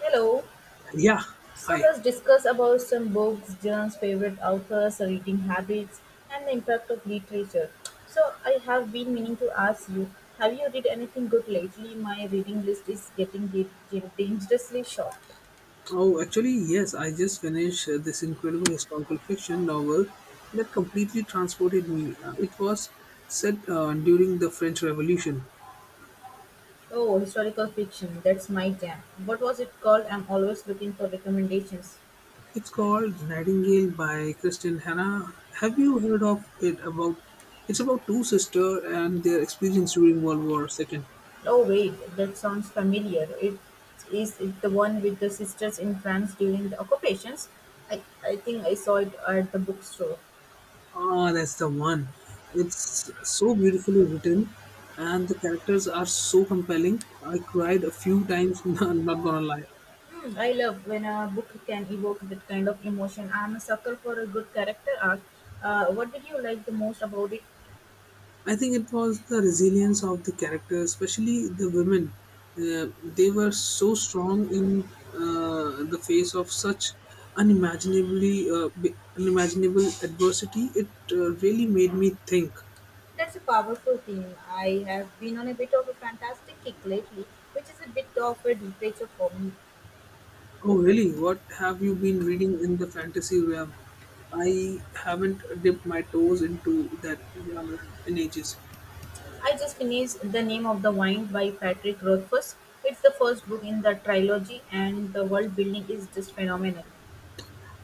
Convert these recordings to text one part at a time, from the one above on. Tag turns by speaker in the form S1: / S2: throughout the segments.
S1: Hello.
S2: Yeah,
S1: So
S2: hi.
S1: let's discuss about some books, John's favorite authors, reading habits, and the impact of literature. So I have been meaning to ask you, have you read anything good lately? My reading list is getting dangerously short.
S2: Oh, actually, yes, I just finished this incredible historical fiction novel that completely transported me. It was set during the French Revolution.
S1: Oh, historical fiction. That's my jam. What was it called? I'm always looking for recommendations.
S2: It's called Nightingale by Kristen Hannah. Have you heard of it? About it's about two sisters and their experience during World War Second.
S1: Oh wait, that sounds familiar. It is it the one with the sisters in France during the occupations. I think I saw it at the bookstore.
S2: Ah, that's the one. It's so beautifully written, and the characters are so compelling. I cried a few times. not gonna lie.
S1: Hmm, I love when a book can evoke that kind of emotion. I'm a sucker for a good character arc. What did you like the most about it?
S2: I think it was the resilience of the characters, especially the women. They were so strong in the face of such unimaginable adversity. It really made me think.
S1: That's a powerful theme. I have been on a bit of a fantastic kick lately, which is a bit of a departure for me.
S2: Oh, really? What have you been reading in the fantasy realm? I haven't dipped my toes into that genre in ages.
S1: I just finished The Name of the Wine by Patrick Rothfuss. It's the first book in the trilogy, and the world building is just phenomenal.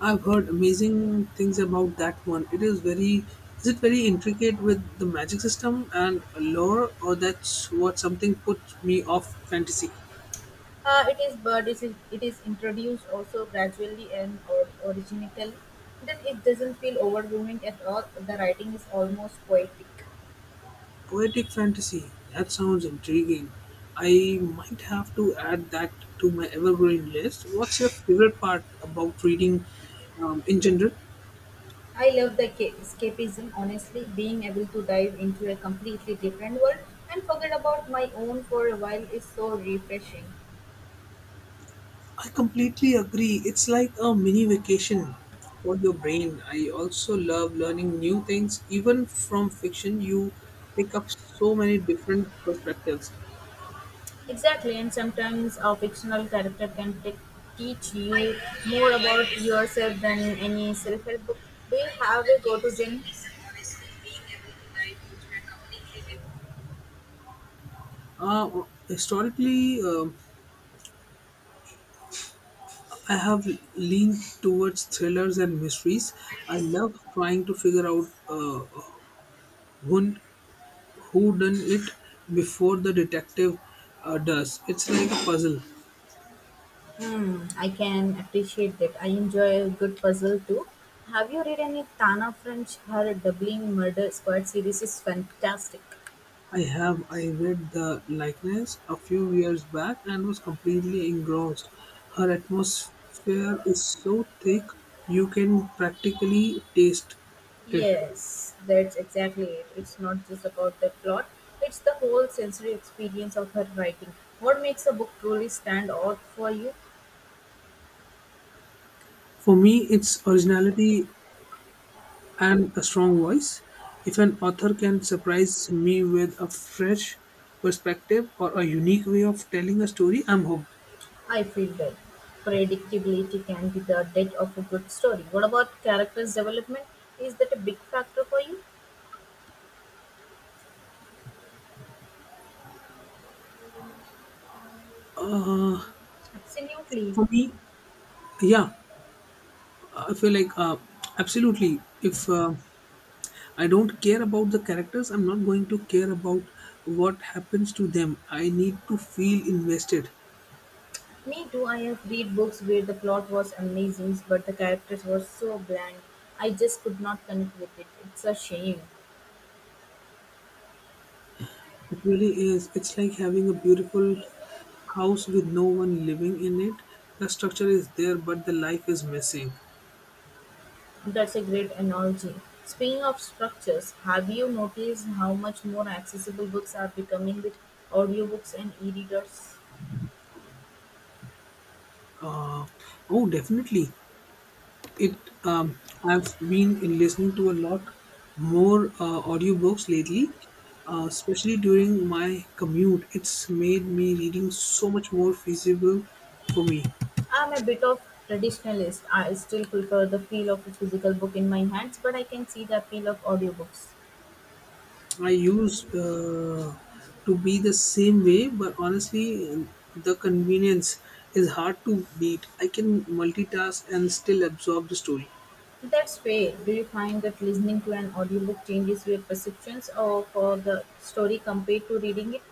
S2: I've heard amazing things about that one. It is very is it very intricate with the magic system and lore, or that's what something puts me off fantasy.
S1: It is but it is introduced also gradually and or, originally. Then it doesn't feel overwhelming at all. The writing is almost poetic.
S2: Poetic fantasy. That sounds intriguing. I might have to add that to my evergreen list. What's your favorite part about reading in general?
S1: I love the escapism, honestly, being able to dive into a completely different world and forget about my own for a while is so refreshing.
S2: I completely agree. It's like a mini vacation for your brain. I also love learning new things. Even from fiction, you pick up so many different perspectives.
S1: Exactly, and sometimes a fictional character can teach you more about yourself than any self help book. Do you have a go to gen?
S2: Uh, historically, I have leaned towards thrillers and mysteries. I love trying to figure out who, who done it before the detective does. It's like a puzzle.
S1: Hmm, I can appreciate that. I enjoy a good puzzle too. Have you read any Tana French? Her Doubling Murder Squad series is fantastic.
S2: I read the likeness a few years back and was completely engrossed. Her atmosphere is so thick you can practically taste it.
S1: Yes, that's exactly it. It's not just about the plot, it's the whole sensory experience of her writing. What makes a book truly stand out for you?
S2: For me, it's originality and a strong voice. If an author can surprise me with a fresh perspective or a unique way of telling a story, I'm hooked.
S1: I feel that predictability can be the death of a good story. What about characters' development? Is that a big factor for you? Absolutely.
S2: For me, yeah, I feel like absolutely. If I don't care about the characters, I'm not going to care about what happens to them. I need to feel invested.
S1: Me too, I have read books where the plot was amazing, but the characters were so bland. I just could not connect with it. It's a shame.
S2: It really is. It's like having a beautiful house with no one living in it. The structure is there, but the life is missing.
S1: That's a great analogy. Speaking of structures, have you noticed how much more accessible books are becoming with audiobooks and e-readers?
S2: Uh, oh, definitely. It. I've been in listening to a lot more audiobooks lately, especially during my commute. It's made me reading so much more feasible for me.
S1: I'm a bit of traditionalist. I still prefer the feel of a physical book in my hands, but I can see the appeal of audiobooks.
S2: I used to be the same way, but honestly, the convenience is hard to beat. I can multitask and still absorb the story.
S1: So that's fair. Do you find that listening to an audiobook changes your perceptions of the story compared to reading it?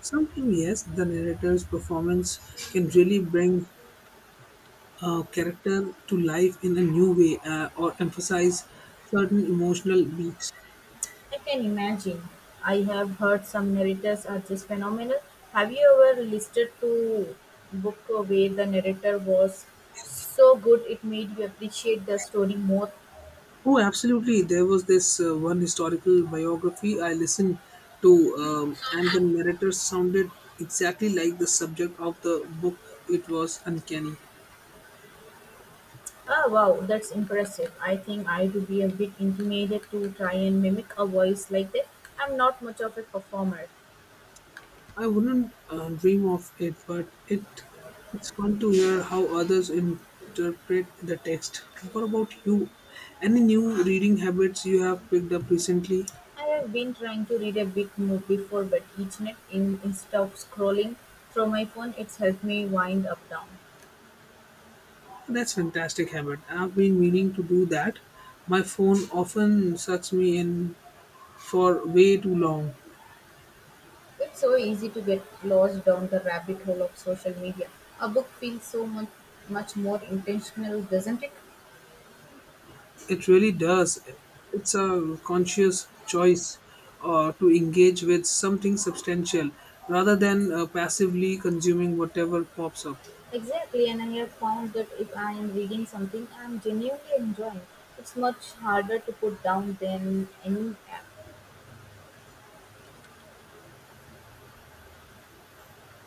S2: Sometimes, yes, the narrator's performance can really bring a character to life in a new way or emphasize certain emotional beats.
S1: I can imagine. I have heard some narrators are just phenomenal. Have you ever listened to book where the narrator was so good it made you appreciate the story more?
S2: Oh, absolutely. There was this one historical biography I listened to, and the narrator sounded exactly like the subject of the book. It was uncanny.
S1: Ah, wow, that's impressive. I think I would be a bit intimidated to try and mimic a voice like that. I'm not much of a performer.
S2: I wouldn't dream of it, but it's fun to hear how others interpret the text. What about you? Any new reading habits you have picked up recently?
S1: I've been trying to read a big book before bed each night in, instead of scrolling through my phone. It's helped me wind up down.
S2: That's fantastic habit. I've been meaning to do that. My phone often sucks me in for way too long.
S1: It's so easy to get lost down the rabbit hole of social media. A book feels so much more intentional, doesn't it?
S2: It really does. It's a conscious choice to engage with something substantial rather than passively consuming whatever pops up.
S1: Exactly, and I have found that if I am reading something I'm genuinely enjoying, it's much harder to put down than any app.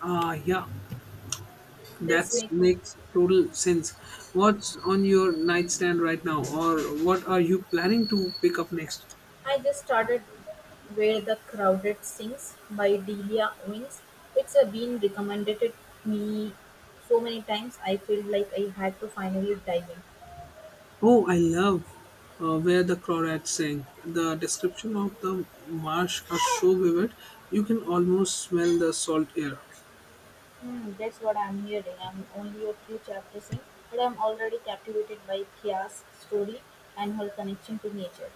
S2: Ah, yeah, that
S1: That's makes
S2: makes total sense. What's on your nightstand right now, or what are you planning to pick up next?
S1: I just started Where the Crowded Sings by Delia Owens. It's a been recommended it me so many times I feel like I had to finally dive in.
S2: Oh, I love where the crawdads sing. The description of the marsh are so vivid, you can almost smell the salt air.
S1: Hmm, that's what I'm hearing. I'm only a few chapters in, but I'm already captivated by Kia's story and her connection to nature.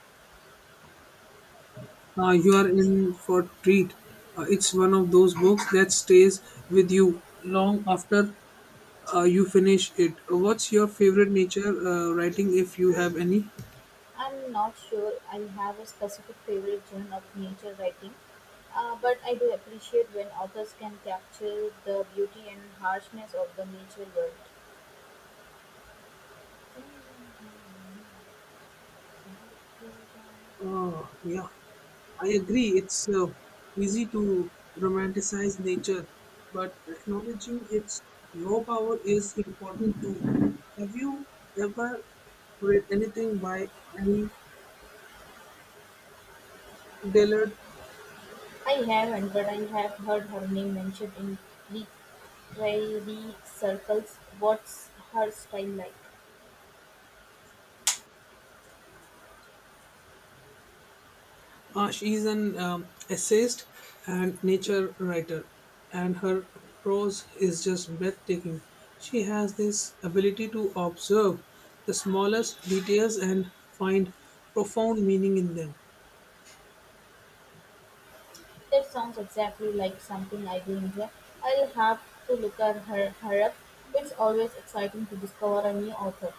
S2: You are in for treat. It's one of those books that stays with you long after you finish it. What's your favorite nature writing, if you have any?
S1: I'm not sure I have a specific favorite genre of nature writing, but I do appreciate when authors can capture the beauty and harshness of the nature world.
S2: Oh yeah, I agree. It's easy to romanticize nature, but acknowledging its raw power is important too. Have you ever read anything by Annie Dillard?
S1: I haven't, but I have heard her name mentioned in literary circles. What's her style like?
S2: She is an essayist and nature writer, and her prose is just breathtaking. She has this ability to observe the smallest details and find profound meaning in them.
S1: That sounds exactly like something I do enjoy. I'll have to look at her up. It's always exciting to discover a new author.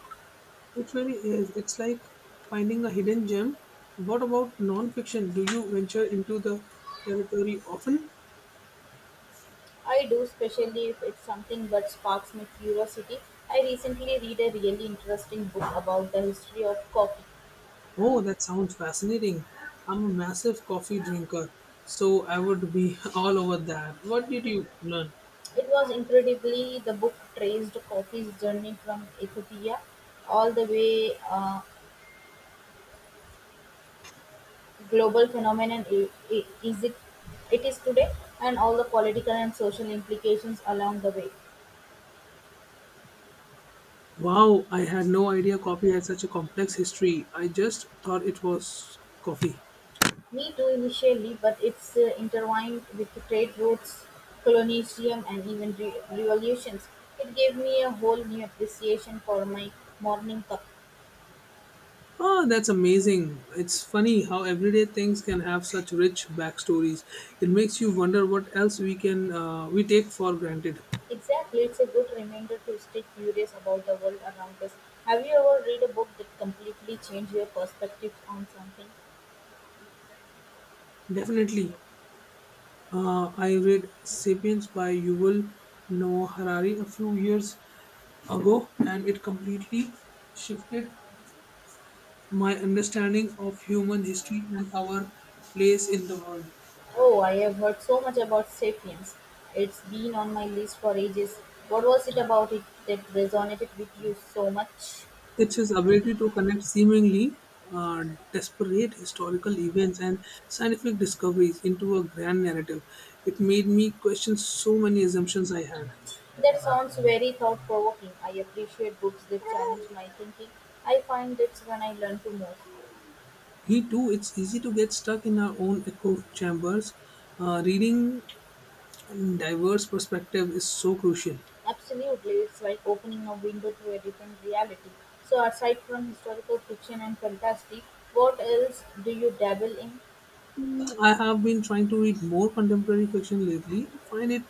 S2: It really is. It's like finding a hidden gem. What about nonfiction? Do you venture into the territory often?
S1: I do, especially if it's something that sparks my curiosity. I recently read a really interesting book about the history of coffee.
S2: Oh, that sounds fascinating. I'm a massive coffee drinker, so I would be all over that. What did you learn?
S1: It was incredibly the book traced coffee's journey from Ethiopia all the way global phenomenon i- is it, it is today, and all the political and social implications along the way.
S2: Wow, I had no idea coffee had such a complex history. I just thought it was coffee.
S1: Me too, initially, but it's intertwined with the trade routes, colonialism, and even revolutions. It gave me a whole new appreciation for my morning cup.
S2: Ah, that's amazing. It's funny how everyday things can have such rich backstories. It makes you wonder what else we can we take for granted.
S1: Exactly, it's a good reminder to stay curious about the world around us. Have you ever read a book that completely changed your perspective on something?
S2: Definitely. I read Sapiens by Yuval Noah Harari a few years ago, and it completely shifted my understanding of human history and our place in the world.
S1: Oh, I have heard so much about Sapiens. It's been on my list for ages. What was it about it that resonated with you so much?
S2: It's his ability to connect seemingly uh, disparate historical events and scientific discoveries into a grand narrative. It made me question so many assumptions I had.
S1: That sounds very thought provoking. I appreciate books that challenge my thinking. I find that's when I learn to most.
S2: Me too, it's easy to get stuck in our own echo chambers. Reading diverse perspective is so crucial.
S1: Absolutely, it's like opening a window to a different reality. So, aside from historical fiction and fantasy, what else do you dabble in?
S2: Mm, I have been trying to read more contemporary fiction lately. I find it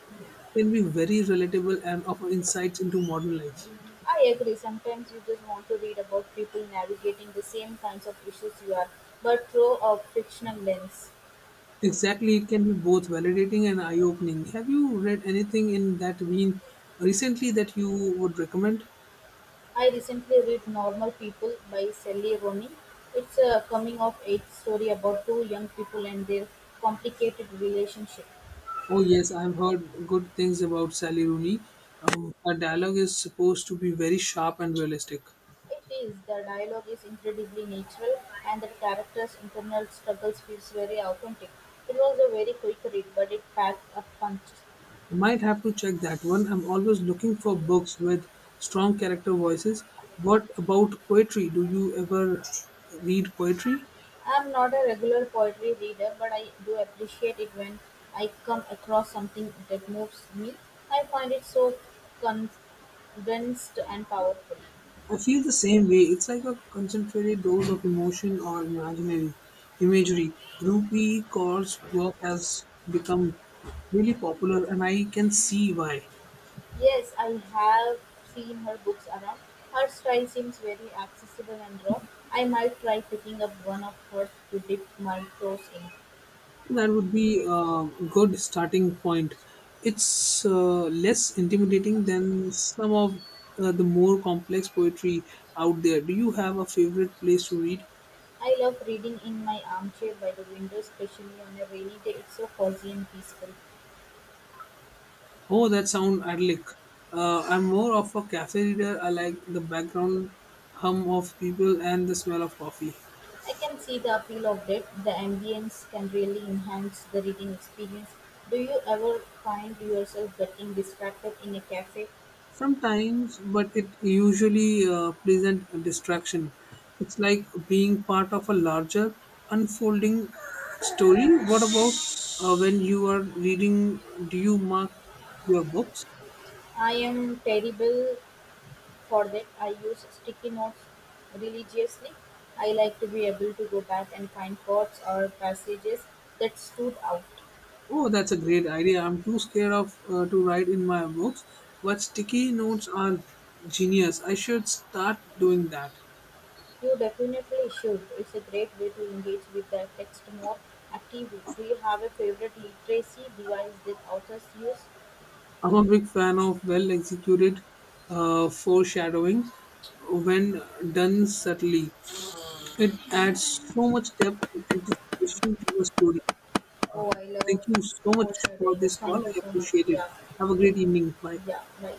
S2: can be very relatable and offer insights into modern life.
S1: I agree. Sometimes you just want to read about people navigating the same kinds of issues you are, but through a fictional lens.
S2: Exactly, it can be both validating and eye opening. Have you read anything in that vein recently that you would recommend?
S1: I recently read Normal People by Sally Rooney. It's a coming of age story about two young people and their complicated relationship.
S2: Oh, yes, I've heard good things about Sally Rooney. Her dialogue is supposed to be very sharp and realistic.
S1: It is the dialogue is incredibly natural and the characters' internal struggles feels very authentic. It was a very quick read, but it packed a punch.
S2: I might have to check that one. I'm always looking for books with strong character voices. What about poetry? Do you ever read poetry?
S1: I'm not a regular poetry reader, but I do appreciate it when I come across something that moves me. I find it so condensed and powerful.
S2: I feel the same way. It's like a concentrated dose of emotion or imaginary imagery. Rupee Kaur's work has become really popular, and I can see why.
S1: Yes, I have seen her books around. Her style seems very accessible and raw. I might try picking up one of hers to dip my toes in.
S2: That would be a good starting point. It's less intimidating than some of the more complex poetry out there. Do you have a favorite place to read?
S1: I love reading in my armchair by the window, especially on a rainy day. It's so cozy and peaceful.
S2: Oh, that sound idyllic. I'm more of a cafe reader. I like the background hum of people and the smell of coffee.
S1: I can see the appeal of it. The ambience can really enhance the reading experience. Do you ever find yourself getting distracted in a cafe?
S2: Sometimes, but it usually a pleasant distraction. It's like being part of a larger unfolding story. What about when you are reading? Do you mark your books?
S1: I am terrible for that. I use sticky notes religiously. I like to be able to go back and find quotes or passages that stood out.
S2: Oh, that's a great idea. I'm too scared of to write in my books, but sticky notes are genius. I should start doing that.
S1: You definitely should. It's a great way to engage with the text more actively. Do you have a favorite literacy device that authors use?
S2: I'm a big fan of well executed foreshadowing when done subtly. It adds so much depth and anticipation to a story. Uh,
S1: Oh, I love
S2: thank you so much
S1: horse
S2: for
S1: riding.
S2: this call.
S1: Thank you
S2: I
S1: so much.
S2: appreciate it.
S1: Yeah,
S2: Have a great evening. Bye.
S1: yeah, right.